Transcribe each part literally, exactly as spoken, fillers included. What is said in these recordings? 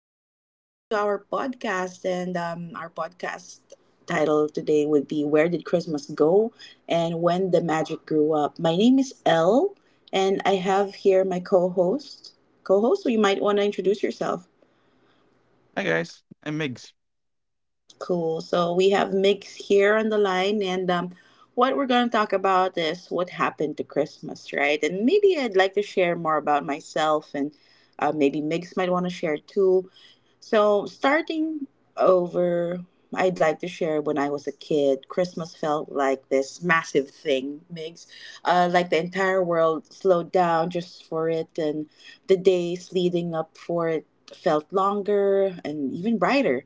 right, welcome to our podcast. And um, Our podcast title today would be Where Did Christmas Go and When the Magic Grew Up? My name is Elle, and I have here my co host. Co host, so you might want to introduce yourself. Hi guys, I'm Migs. Cool. So we have Mix here on the line, and um, what we're going to talk about is what happened to Christmas, right? And maybe I'd like to share more about myself, and uh, maybe Mix might want to share too. So, starting over, I'd like to share when I was a kid, Christmas felt like this massive thing, Migs. Uh, like the entire world slowed down just for it, and the days leading up for it felt longer and even brighter.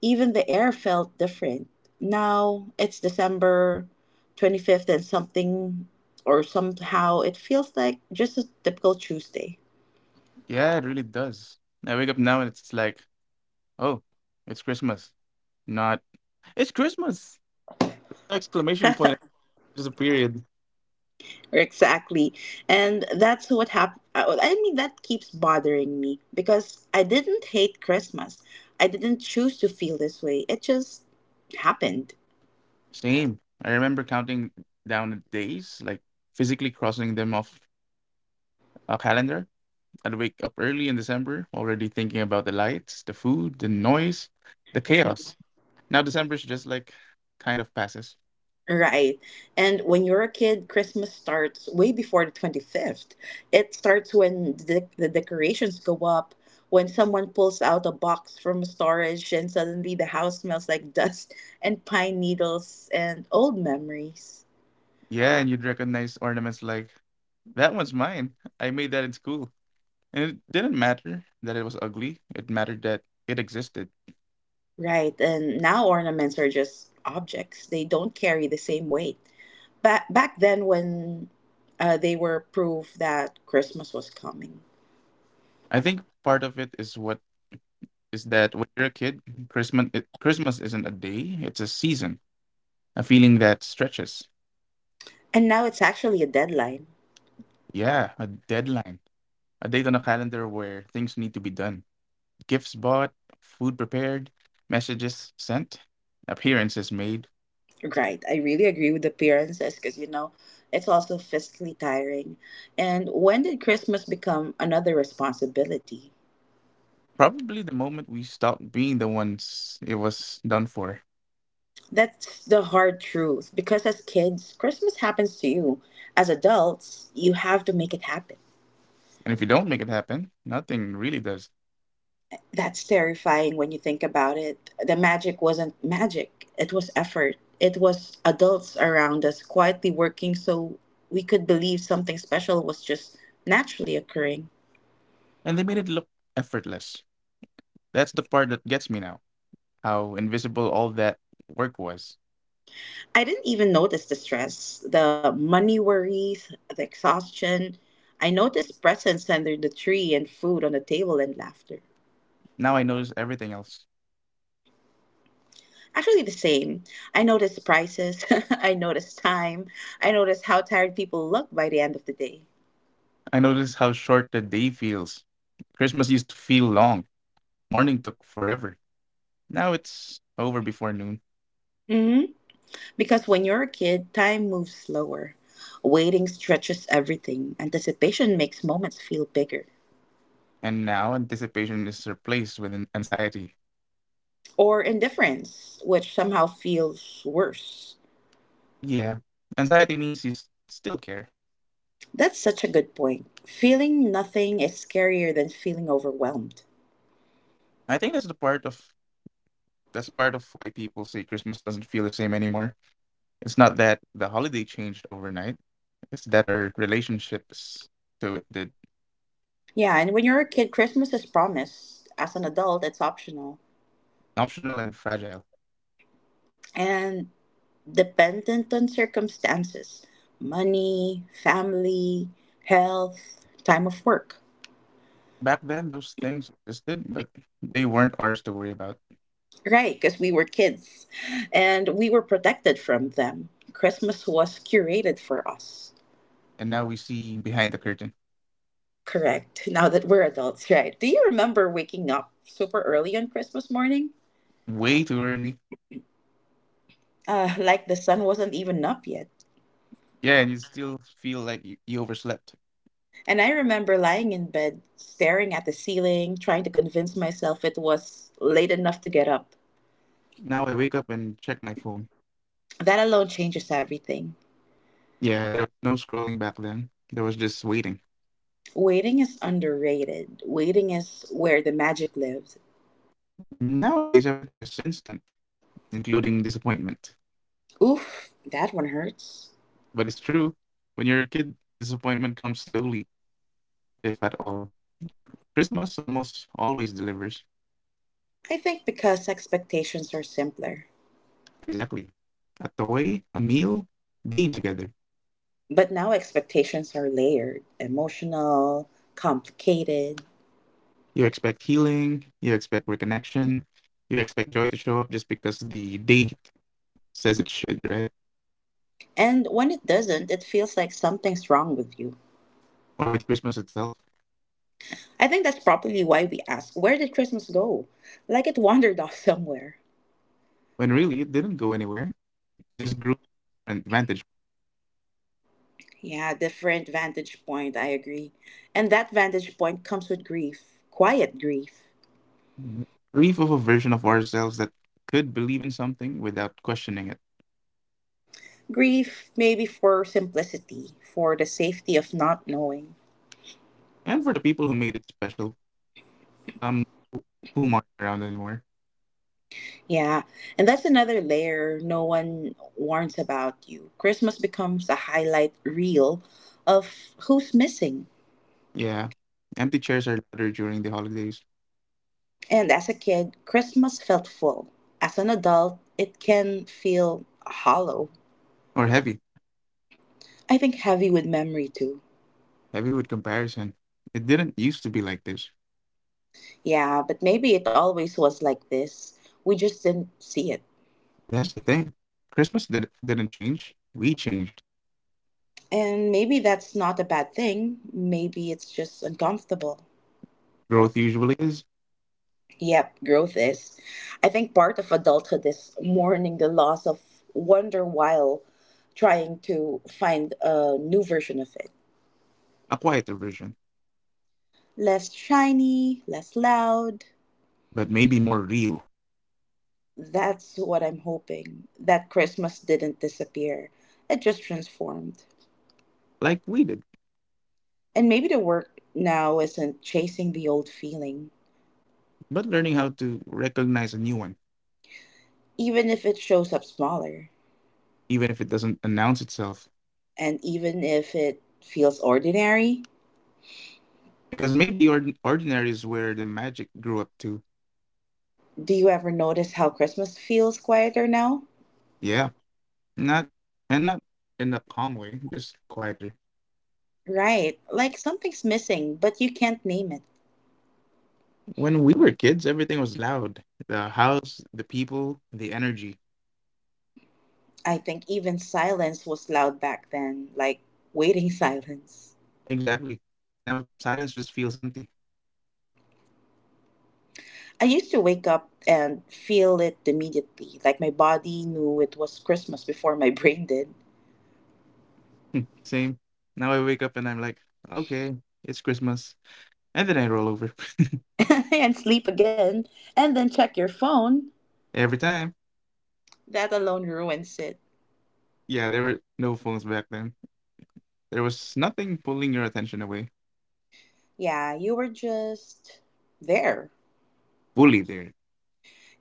Even the air felt different. Now it's December twenty-fifth, and something or somehow it feels like just a typical Tuesday. Yeah, it really does. I wake up now and it's like, oh, it's Christmas. Not, it's Christmas! Exclamation point, just a period. Exactly. And that's what happened. I mean, that keeps bothering me because I didn't hate Christmas. I didn't choose to feel this way. It just happened. Same. I remember counting down the days, like physically crossing them off a calendar. I'd wake up early in December, already thinking about the lights, the food, the noise, the chaos. Now December's just like kind of passes. Right. And when you're a kid, Christmas starts way before the twenty-fifth. It starts when the, the decorations go up, when someone pulls out a box from storage, and suddenly the house smells like dust and pine needles and old memories. Yeah, and you'd recognize ornaments like, that one's mine. I made that in school. And it didn't matter that it was ugly. It mattered that it existed. Right, and now ornaments are just objects. They don't carry the same weight. Back back then, when uh, they were proof that Christmas was coming, I think part of it is what is that when you're a kid, Christmas it, Christmas isn't a day, it's a season, a feeling that stretches. and now it's actually a deadline. Yeah, a deadline, a date on a calendar where things need to be done. Gifts bought, food prepared, messages sent, appearances made. Right, I really agree with appearances because you know it's also physically tiring. And when did Christmas become another responsibility? Probably the moment we stop being the ones it was done for. That's the hard truth because as kids, Christmas happens to you. As adults, you have to make it happen. And if you don't make it happen, nothing really does. That's terrifying when you think about it. The magic wasn't magic, it was effort. It was adults around us quietly working so we could believe something special was just naturally occurring. And they made it look effortless. That's the part that gets me now. How invisible all that work was. I didn't even notice the stress, the money worries, the exhaustion. I noticed presents under the tree and food on the table and laughter. Now I notice everything else. Actually, the same. I noticed prices, I noticed time, I noticed how tired people looked by the end of the day. I notice how short the day feels. Christmas used to feel long. Morning took forever. Now it's over before noon. Mm-hmm. Because when you're a kid, time moves slower. Waiting stretches everything. Anticipation makes moments feel bigger. And now anticipation is replaced with an anxiety. Or indifference, which somehow feels worse. Yeah. Anxiety means you s- still care. That's such a good point. Feeling nothing is scarier than feeling overwhelmed. I think that's the part of that's part of why people say Christmas doesn't feel the same anymore. It's not that the holiday changed overnight. It's that our relationships to it did. Yeah, and when you're a kid, Christmas is promised. As an adult, it's optional. Optional and fragile. And dependent on circumstances money, family, health, time of work. Back then, those things existed, but they weren't ours to worry about. Right, because we were kids and we were protected from them. Christmas was curated for us. And now we see behind the curtain. Correct. Now that we're adults, right? Do you remember waking up super early on Christmas morning? Way too early. Uh, like the sun wasn't even up yet. Yeah, and you still feel like you, you overslept. And I remember lying in bed, staring at the ceiling, trying to convince myself it was late enough to get up. Now I wake up and check my phone. That alone changes everything. Yeah, there was no scrolling back then. There was just waiting. Waiting is underrated. Waiting is where the magic lives. Nowadays, everything is instant, including disappointment. Oof, that one hurts. But it's true. When you're a kid, disappointment comes slowly, if at all. Christmas almost always delivers. I think because expectations are simpler. Exactly. A toy, a meal, being together. But now expectations are layered, emotional, complicated. You expect healing, you expect reconnection, you expect joy to show up just because the date says it should, right? And when it doesn't, it feels like something's wrong with you. Or with Christmas itself, I think that's probably why we ask, where did Christmas go? Like it wandered off somewhere. when really it didn't go anywhere. It just grew an advantage. Yeah, different vantage point, I agree. And that vantage point comes with grief, quiet grief. Grief of a version of ourselves that could believe in something without questioning it. Grief, maybe for simplicity, for the safety of not knowing. And for the people who made it special, some whom aren't around anymore. Yeah, and that's another layer no one warns about you. Christmas becomes a highlight reel of who's missing. Yeah, empty chairs are louder during the holidays. And as a kid, Christmas felt full. As an adult, it can feel hollow. Or heavy. I think heavy with memory too. Heavy with comparison. It didn't used to be like this. Yeah, but maybe it always was like this. We just didn't see it. That's the thing. Christmas did, didn't change. We changed. And maybe that's not a bad thing. Maybe it's just uncomfortable. Growth usually is Yep, growth is. I think part of adulthood is mourning the loss of wonder while trying to find a new version of it. a quieter version, Less shiny, less loud. but maybe more real, That's what I'm hoping. That Christmas didn't disappear, it just transformed. like we did, And maybe the work now isn't chasing the old feeling, but learning how to recognize a new one, even if it shows up smaller, even if it doesn't announce itself. and even if it feels ordinary. Because maybe ord- ordinary is where the magic grew up to. Do you ever notice how Christmas feels quieter now? Yeah, not, and not in a calm way, just quieter. Right, like something's missing, but you can't name it. When we were kids, everything was loud: the house, the people, the energy. I think even silence was loud back then, like waiting silence. Exactly. Now silence just feels empty. I used to wake up and feel it immediately, like my body knew it was Christmas before my brain did. Same. Now I wake up and I'm like, okay, it's Christmas. And then I roll over. And sleep again, and then check your phone. Every time. That alone ruins it. Yeah, there were no phones back then. There was nothing pulling your attention away. Yeah, you were just there. Fully there.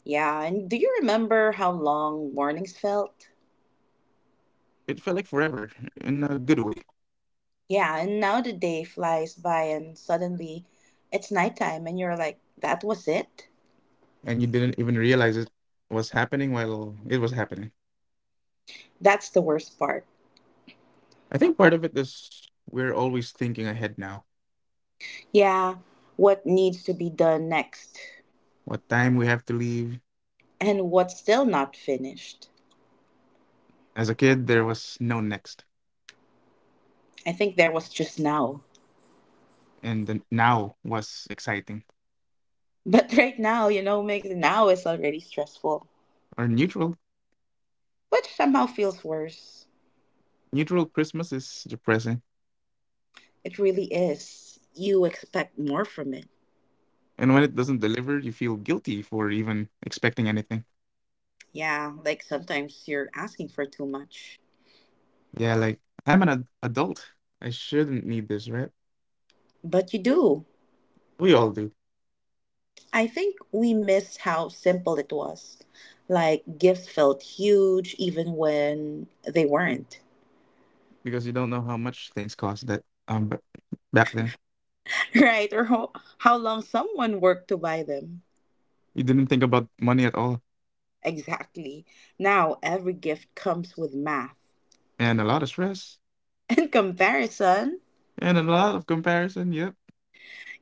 Yeah, and do you remember how long mornings felt? It felt like forever, in a good way. Yeah, and now the day flies by and suddenly it's nighttime and you're like, that was it? And you didn't even realize it was happening while it was happening. That's the worst part. I think part of it is we're always thinking ahead now. Yeah, what needs to be done next What time we have to leave. and what's still not finished. As a kid, there was no next. I think there was just now. And the now was exciting But right now, you know, makes now is already stressful, or neutral. which somehow feels worse. Neutral Christmas is depressing, It really is. You expect more from it. and when it doesn't deliver you feel guilty for even expecting anything. Yeah, like sometimes you're asking for too much, Yeah, like i'm an ad- adult I shouldn't need this, right? but you do. We all do. I think we missed how simple it was. Like gifts felt huge even when they weren't. Because you don't know how much things cost, that um but back then Right, or how, how long someone worked to buy them. you didn't think about money at all. Exactly. Now every gift comes with math And a lot of stress. and comparison. And a lot of comparison, yep.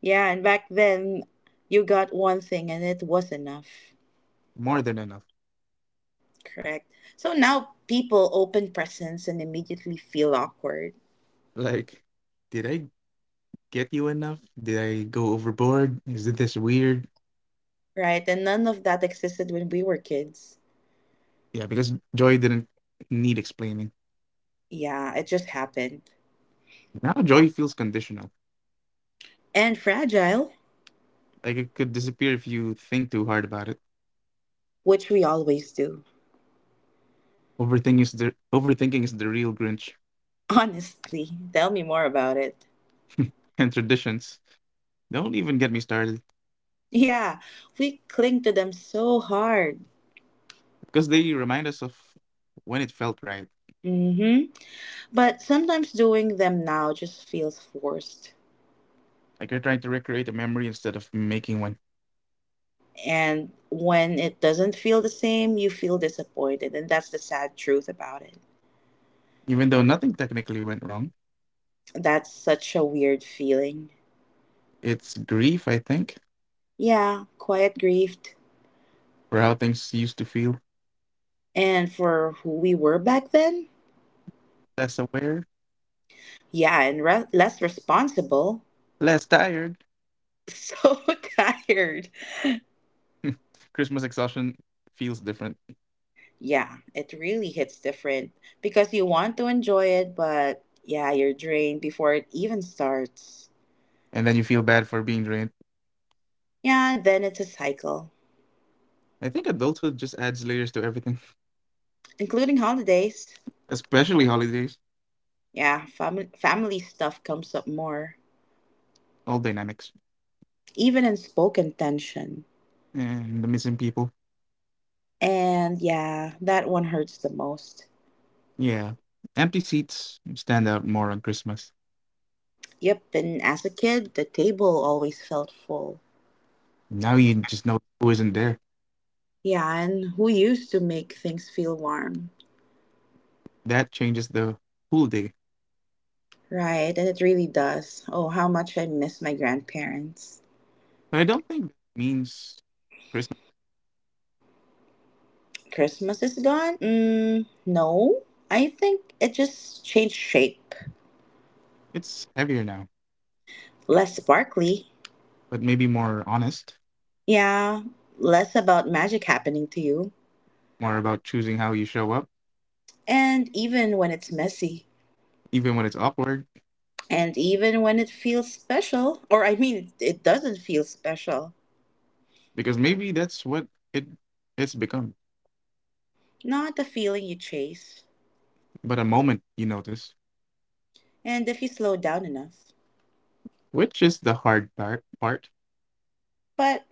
Yeah, and back then you got one thing and it was enough. More than enough. Correct. So now people open presents and immediately feel awkward. Like, did I get you enough? Did I go overboard? Is it this weird? Right, and none of that existed when we were kids. Yeah, because joy didn't need explaining. Yeah, it just happened. Now joy feels conditional, And fragile, like it could disappear if you think too hard about it. which we always do. Overthinking is the overthinking is the real Grinch. Honestly, tell me more about it. And traditions, don't even get me started, Yeah, we cling to them so hard. because they remind us of when it felt right. Mm-hmm. But sometimes doing them now just feels forced. Like you're trying to recreate a memory instead of making one, And when it doesn't feel the same, you feel disappointed. And that's the sad truth about it. even though nothing technically went wrong. That's such a weird feeling. It's grief, I think, Yeah, quiet grieved. for how things used to feel. And for who we were back then? Less aware, Yeah, and re- less responsible. less tired. So tired. Christmas exhaustion feels different, Yeah, it really hits different because you want to enjoy it, but yeah, you're drained before it even starts. and then you feel bad for being drained. Yeah, and then it's a cycle, I think adulthood just adds layers to everything, including holidays. especially holidays, Yeah, fam- family stuff comes up more, all dynamics, even in spoken tension. and the missing people. And yeah, that one hurts the most. Yeah. Empty seats stand out more on Christmas. Yep, and as a kid, the table always felt full. Now you just know who isn't there. Yeah, and who used to make things feel warm? That changes the whole day. Right, and it really does. Oh, how much I miss my grandparents. But I don't think that means Christmas. Christmas is gone? Mm, no. I think it just changed shape. It's heavier now, Less sparkly. but maybe more honest, Yeah, less about magic happening to you. more about choosing how you show up, And even when it's messy. even when it's awkward, And even when it feels special. Or, I mean, it doesn't feel special. because maybe that's what it it's become. Not the feeling you chase. But a moment you notice, And if you slow down enough. which is the hard part. Part But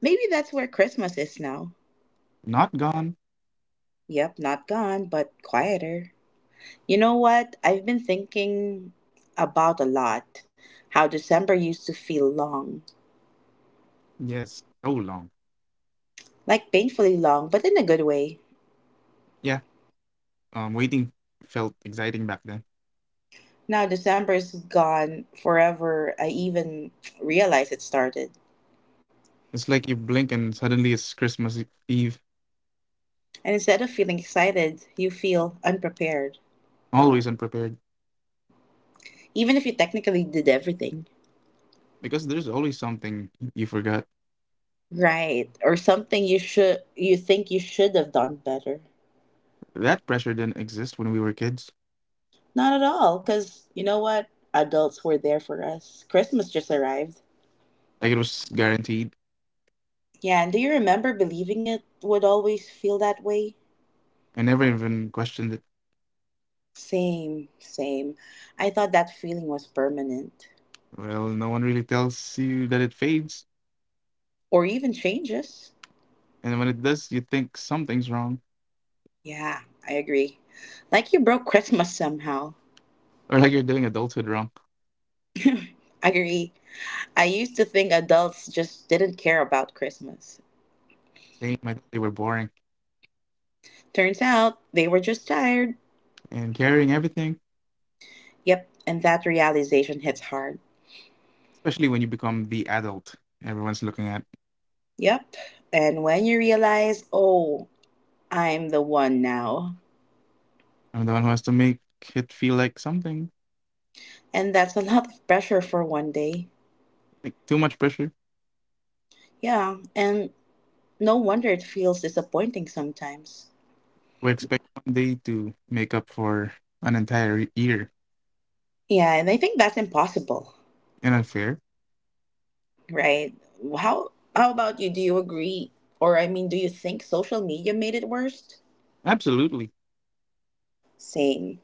maybe that's where Christmas is now. not gone. Yep, not gone, but quieter. You know what? I've been thinking about a lot how December used to feel long, Yes, so long. like painfully long, but in a good way. Yeah. Um, waiting felt exciting back then. Now December's gone forever. I even realized it started. It's like you blink and suddenly it's Christmas Eve. And instead of feeling excited, you feel unprepared, Always unprepared. even if you technically did everything Because there's always something you forgot. right or something you should you think you should have done better. That pressure didn't exist when we were kids. Not at all, cuz you know what? Adults were there for us. Christmas just arrived. Like it was guaranteed. Yeah, and do you remember believing it would always feel that way? I never even questioned it. Same, same. I thought that feeling was permanent Well, no one really tells you that it fades. or even changes. And when it does, you think something's wrong. Yeah, I agree. Like you broke Christmas somehow. Or like you're doing adulthood wrong. Agree. I used to think adults just didn't care about Christmas. Same, I thought they were boring. Turns out they were just tired. And carrying everything, Yep, and that realization hits hard. especially when you become the adult everyone's looking at. Yep, and when you realize, oh, I'm the one now, I'm the one who has to make it feel like something. and that's a lot of pressure for one day. Like too much pressure. Yeah, and no wonder it feels disappointing sometimes. We expect one day to make up for an entire year. Yeah, and I think that's impossible, And unfair? right? How how about you? Do you agree? Or I mean, do you think social media made it worse? Absolutely. Same.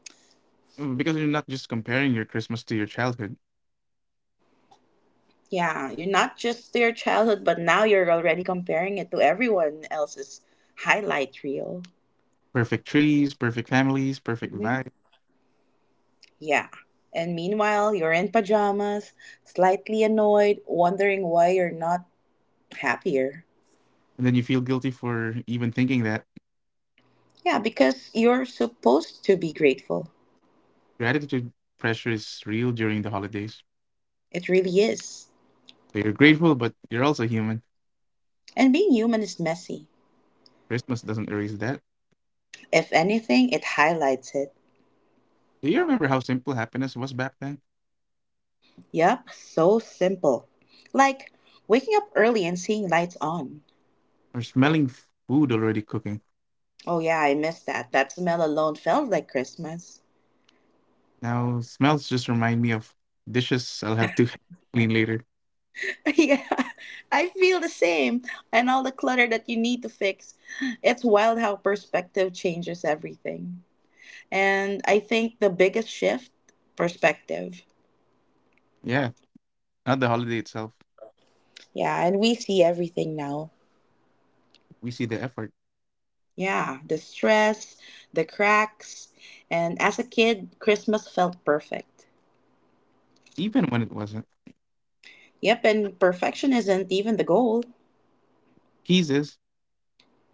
Mm, because you're not just comparing your Christmas to your childhood. Yeah, you're not just to your childhood, but now you're already comparing it to everyone else's highlight reel. Perfect trees, perfect families, perfect Hmm. vibe. Yeah. And meanwhile, you're in pajamas, slightly annoyed, wondering why you're not happier. And then you feel guilty for even thinking that Yeah, because you're supposed to be grateful. gratitude pressure is real during the holidays. It really is. So you're grateful, but you're also human. And being human is messy. Christmas doesn't erase that. If anything, it highlights it. Do you remember how simple happiness was back then? Yep, so simple. Like waking up early and seeing lights on. Or smelling food already cooking? Oh, yeah, I miss that. That smell alone felt like Christmas. Now, smells just remind me of dishes I'll have to clean later. Yeah, I feel the same. And all the clutter that you need to fix. It's wild how perspective changes everything. And I think the biggest shift perspective. Yeah, not the holiday itself. Yeah, and we see everything now. We see the effort, Yeah, the stress, the cracks. And as a kid, Christmas felt perfect. even when it wasn't. Yep, and perfection isn't even the goal. His.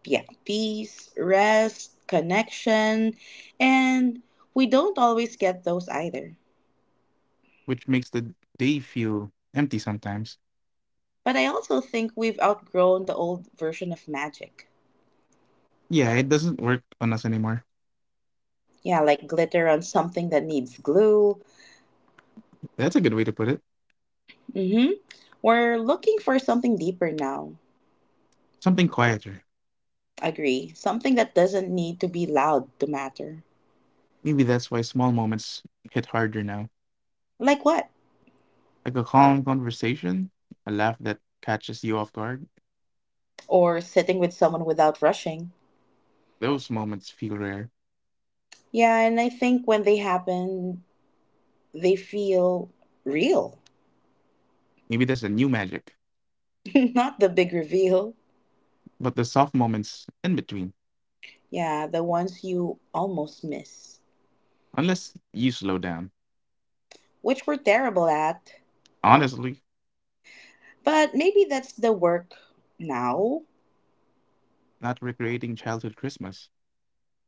Yeah, peace, rest, connection. And we don't always get those either. Which makes the day feel empty sometimes. But I also think we've outgrown the old version of magic. Yeah, it doesn't work on us anymore. Yeah, like glitter on something that needs glue. That's a good way to put it. Mm-hmm. We're looking for something deeper now. Something quieter. Agree. Something that doesn't need to be loud to matter. Maybe that's why small moments hit harder now. Like what? Like a calm conversation, a laugh that catches you off guard. Or sitting with someone without rushing. Those moments feel rare. Yeah, and I think when they happen, they feel real, Maybe that's a new magic. not the big reveal. But the soft moments in between, Yeah, the ones you almost miss, unless you slow down. which we're terrible at. Honestly, But maybe that's the work now. not recreating childhood Christmas,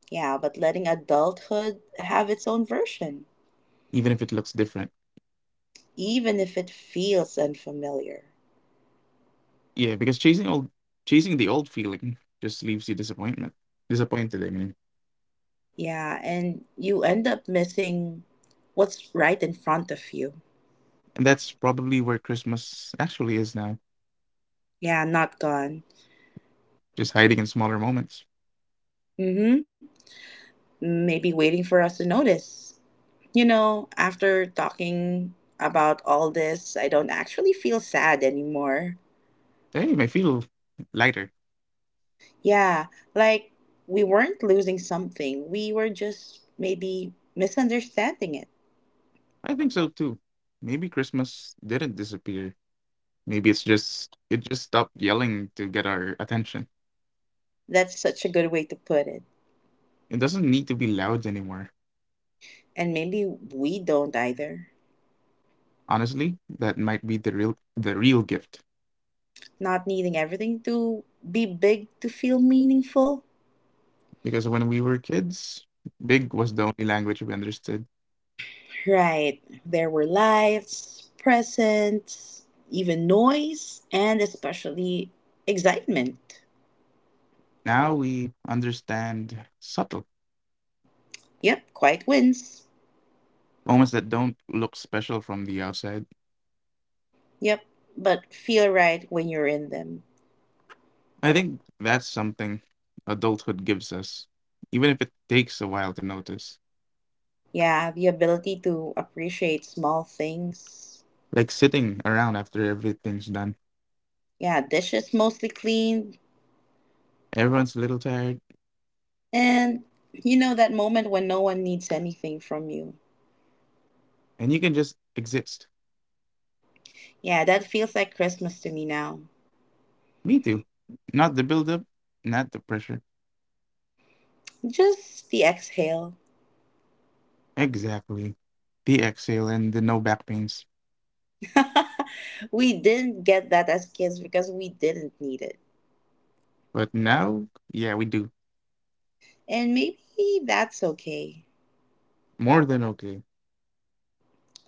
Yeah, but letting adulthood have its own version, even if it looks different. even if it feels unfamiliar. Yeah, because chasing old chasing the old feeling just leaves you disappointment. Disappointed, I mean. Yeah, and you end up missing what's right in front of you. And that's probably where Christmas actually is now. Yeah, not gone. Just hiding in smaller moments. Mm hmm, maybe waiting for us to notice. You know, after talking about all this, I don't actually feel sad anymore. Hey, I feel lighter. Yeah, like we weren't losing something, we were just maybe misunderstanding it. I think so too. Maybe Christmas didn't disappear. Maybe it's just it just stopped yelling to get our attention. That's such a good way to put it. It doesn't need to be loud anymore. And maybe we don't either. Honestly, that might be the real the real gift. Not needing everything to be big to feel meaningful. Because when we were kids, big was the only language we understood. Right. There were lights, presents, even noise, and especially excitement. Now we understand subtle Yep, quiet wins. moments that don't look special from the outside. Yep, but feel right when you're in them. I think that's something adulthood gives us, even if it takes a while to notice. Yeah, the ability to appreciate small things. Like sitting around after everything's done, Yeah, dishes mostly clean. everyone's a little tired, And you know that moment when no one needs anything from you. and you can just exist. Yeah, that feels like Christmas to me now. Me too. Not the buildup, not the pressure. Just the exhale. Exactly. The exhale and the no back pains. We didn't get that as kids because we didn't need it. But now, yeah, we do. And maybe that's okay. More than okay.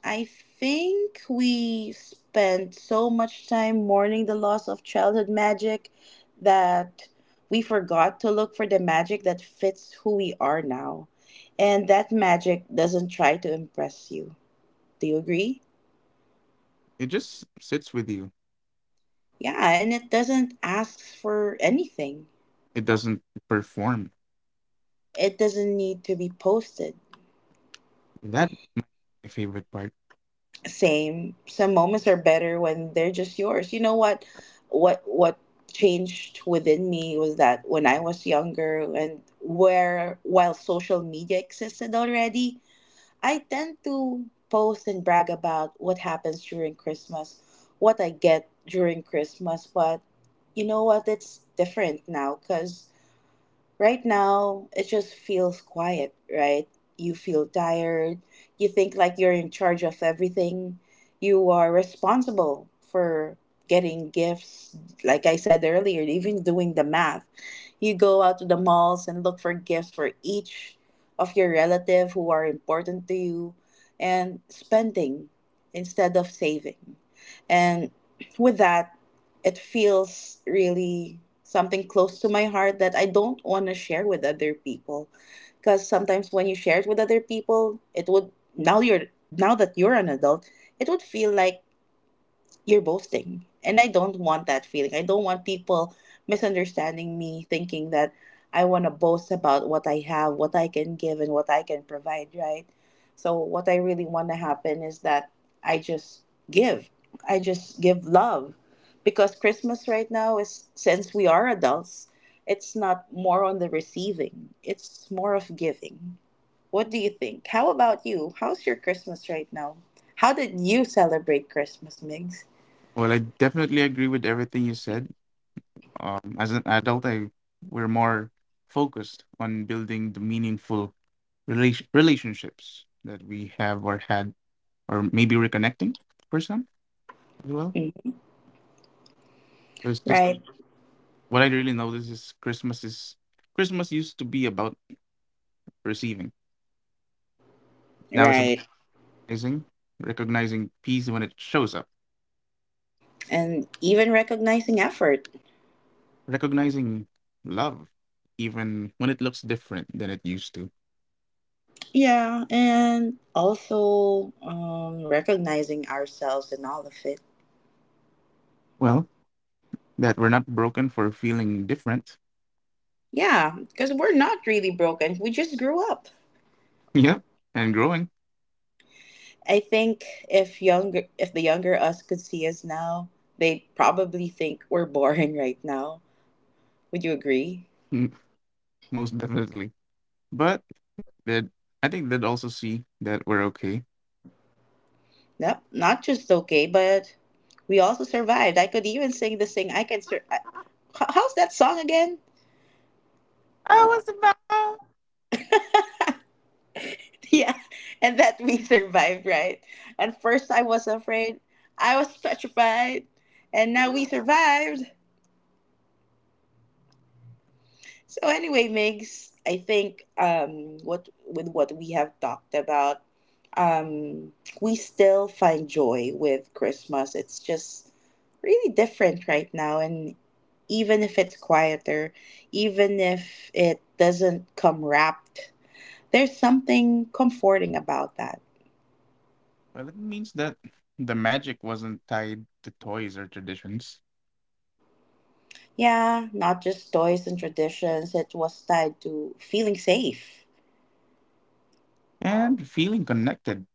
I think we spent so much time mourning the loss of childhood magic that we forgot to look for the magic that fits who we are now. And that magic doesn't try to impress you. Do you agree? It just sits with you, Yeah, and it doesn't ask for anything. it doesn't perform. It doesn't need to be posted. That might be my favorite part. Same, some moments are better when they're just yours. You know what what what changed within me was that when I was younger and where while social media existed already I tend to post and brag about what happens during christmas, what I get during christmas. But you know what, it's different now cuz right now, it just feels quiet, right? You feel tired. You think like you're in charge of everything. You are responsible for getting gifts. Like I said earlier, even doing the math, you go out to the malls and look for gifts for each of your relative who are important to you, and spending instead of saving. And with that, it feels really something close to my heart that I don't want to share with other people, because sometimes when you share it with other people it would now you're now that you're an adult it would feel like you're boasting. And I don't want that feeling. I don't want people misunderstanding me, thinking that I want to boast about what I have, what I can give, and what I can provide, right? So, what I really want to happen is that I just give. I just give love. Because Christmas right now is, since we are adults, it's not more on the receiving, it's more of giving. What do you think? How about you? How's your Christmas right now? How did you celebrate Christmas, Migs? Well, I definitely agree with everything you said. Um, as an adult, I we're more focused on building the meaningful relation relationships that we have or had, or maybe reconnecting for some as well. So it's just Right, what I really notice is Christmas is Christmas used to be about receiving. Now it's about right. recognizing, recognizing peace when it shows up, And even recognizing effort. recognizing love, even when it looks different than it used to. Yeah, and also um, recognizing ourselves and all of it. Well, that we're not broken for feeling different. Yeah, because we're not really broken. We just grew up. Yep, and growing. I think if younger, If the younger us could see us now, they'd probably think we're boring right now. Would you agree? Mm, most definitely. But that I think they'd also see that we're okay. Yep, not just okay, but we also survived. I could even sing the sing. I can. Sur- I, h- How's that song again? I was about. Yeah, and that we survived, right? At first, I was afraid. I was petrified, and now we survived. So anyway, Migs, I think um, what with what we have talked about, um, we still find joy with Christmas. It's just really different right now, and even if it's quieter, even if it doesn't come wrapped, there's something comforting about that. Well, it means that the magic wasn't tied to toys or traditions, Yeah, not just toys and traditions, it was tied to feeling safe. and feeling connected.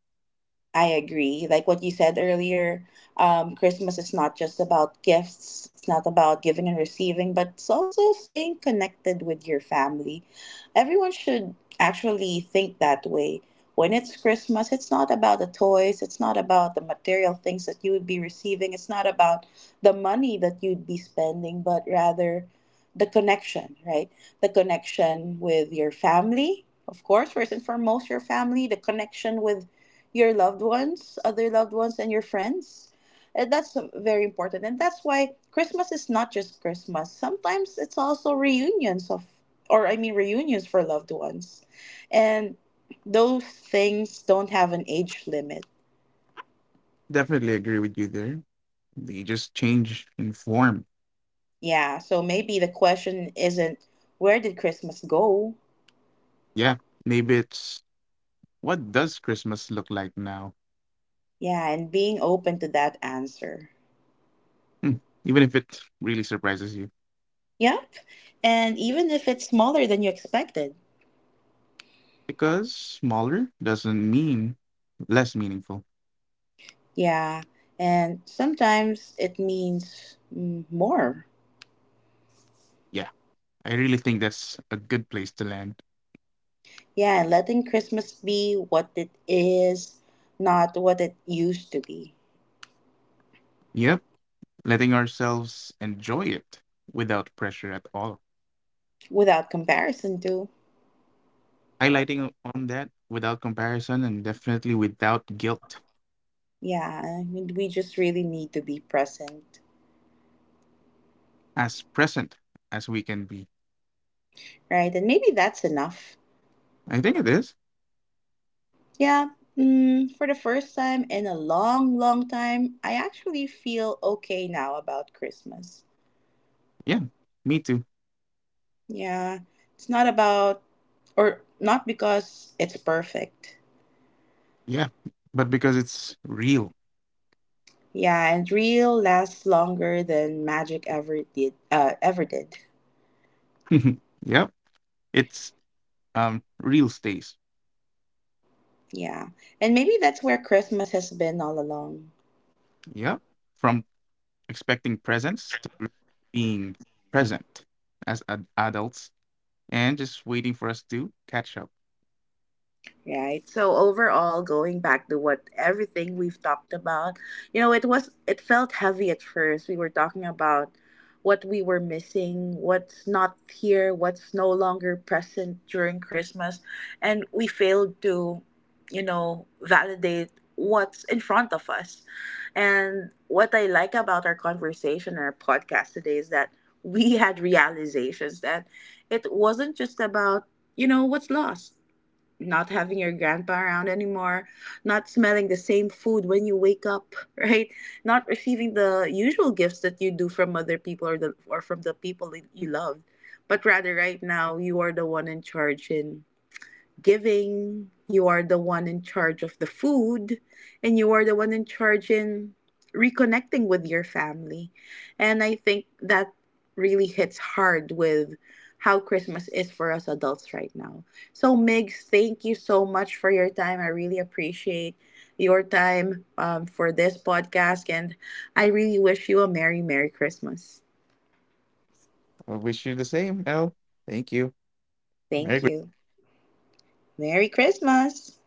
I agree. Like what you said earlier, um, Christmas is not just about gifts, it's not about giving and receiving, but it's also staying connected with your family. Everyone should actually think that way. When it's Christmas, it's not about the toys, it's not about the material things that you would be receiving, it's not about the money that you'd be spending, but rather the connection, right? The connection with your family, of course, first and foremost, your family, the connection with your loved ones, other loved ones, and your friends. And that's very important. And that's why Christmas is not just Christmas. Sometimes it's also reunions of, or I mean, reunions for loved ones. And those things don't have an age limit. Definitely agree with you there. They just change in form. Yeah. So maybe the question isn't, where did Christmas go? Yeah, maybe it's, what does Christmas look like now? Yeah. And being open to that answer. Hmm. Even if it really surprises you, Yep. And even if it's smaller than you expected. because smaller doesn't mean less meaningful. Yeah, and sometimes it means mm, more. Yeah. I really think that's a good place to land. Yeah, and letting Christmas be what it is, not what it used to be, Yep, letting ourselves enjoy it without pressure at all. without comparison to. Highlighting o- on that without comparison and definitely without guilt, Yeah, I mean, we just really need to be present, as present as we can be. right? And maybe that's enough. I think it is. Yeah, mm, for the first time in a long, long time, I actually feel okay now about Christmas. Yeah, me too. Yeah, it's not about, or not because it's perfect. Yeah, but because it's real. Yeah, and real lasts longer than magic ever did. Uh, ever did. Yep, it's um real stays. Yeah, and maybe that's where Christmas has been all along. Yep, from expecting presence to re- being present as ad- adults and just waiting for us to catch up. Right. So overall, going back to what everything we've talked about, you know, it was it felt heavy at first. We were talking about what we were missing, what's not here, what's no longer present during Christmas, and we failed to, you know, validate what's in front of us. And what I like about our conversation and our podcast today is that we had realizations that it wasn't just about, you know, what's lost, not having your grandpa around anymore, not smelling the same food when you wake up, right? Not receiving the usual gifts that you do from other people or the or from the people that you love, but rather right now you are the one in charge and giving, you are the one in charge of the food, and you are the one in charge in reconnecting with your family. And I think that really hits hard with how Christmas is for us adults right now. So, Migs, thank you so much for your time. I really appreciate your time um, for this podcast, and I really wish you a Merry, Merry Christmas. I wish you the same. No, thank you. Merry Thank Christmas. you. Merry Christmas.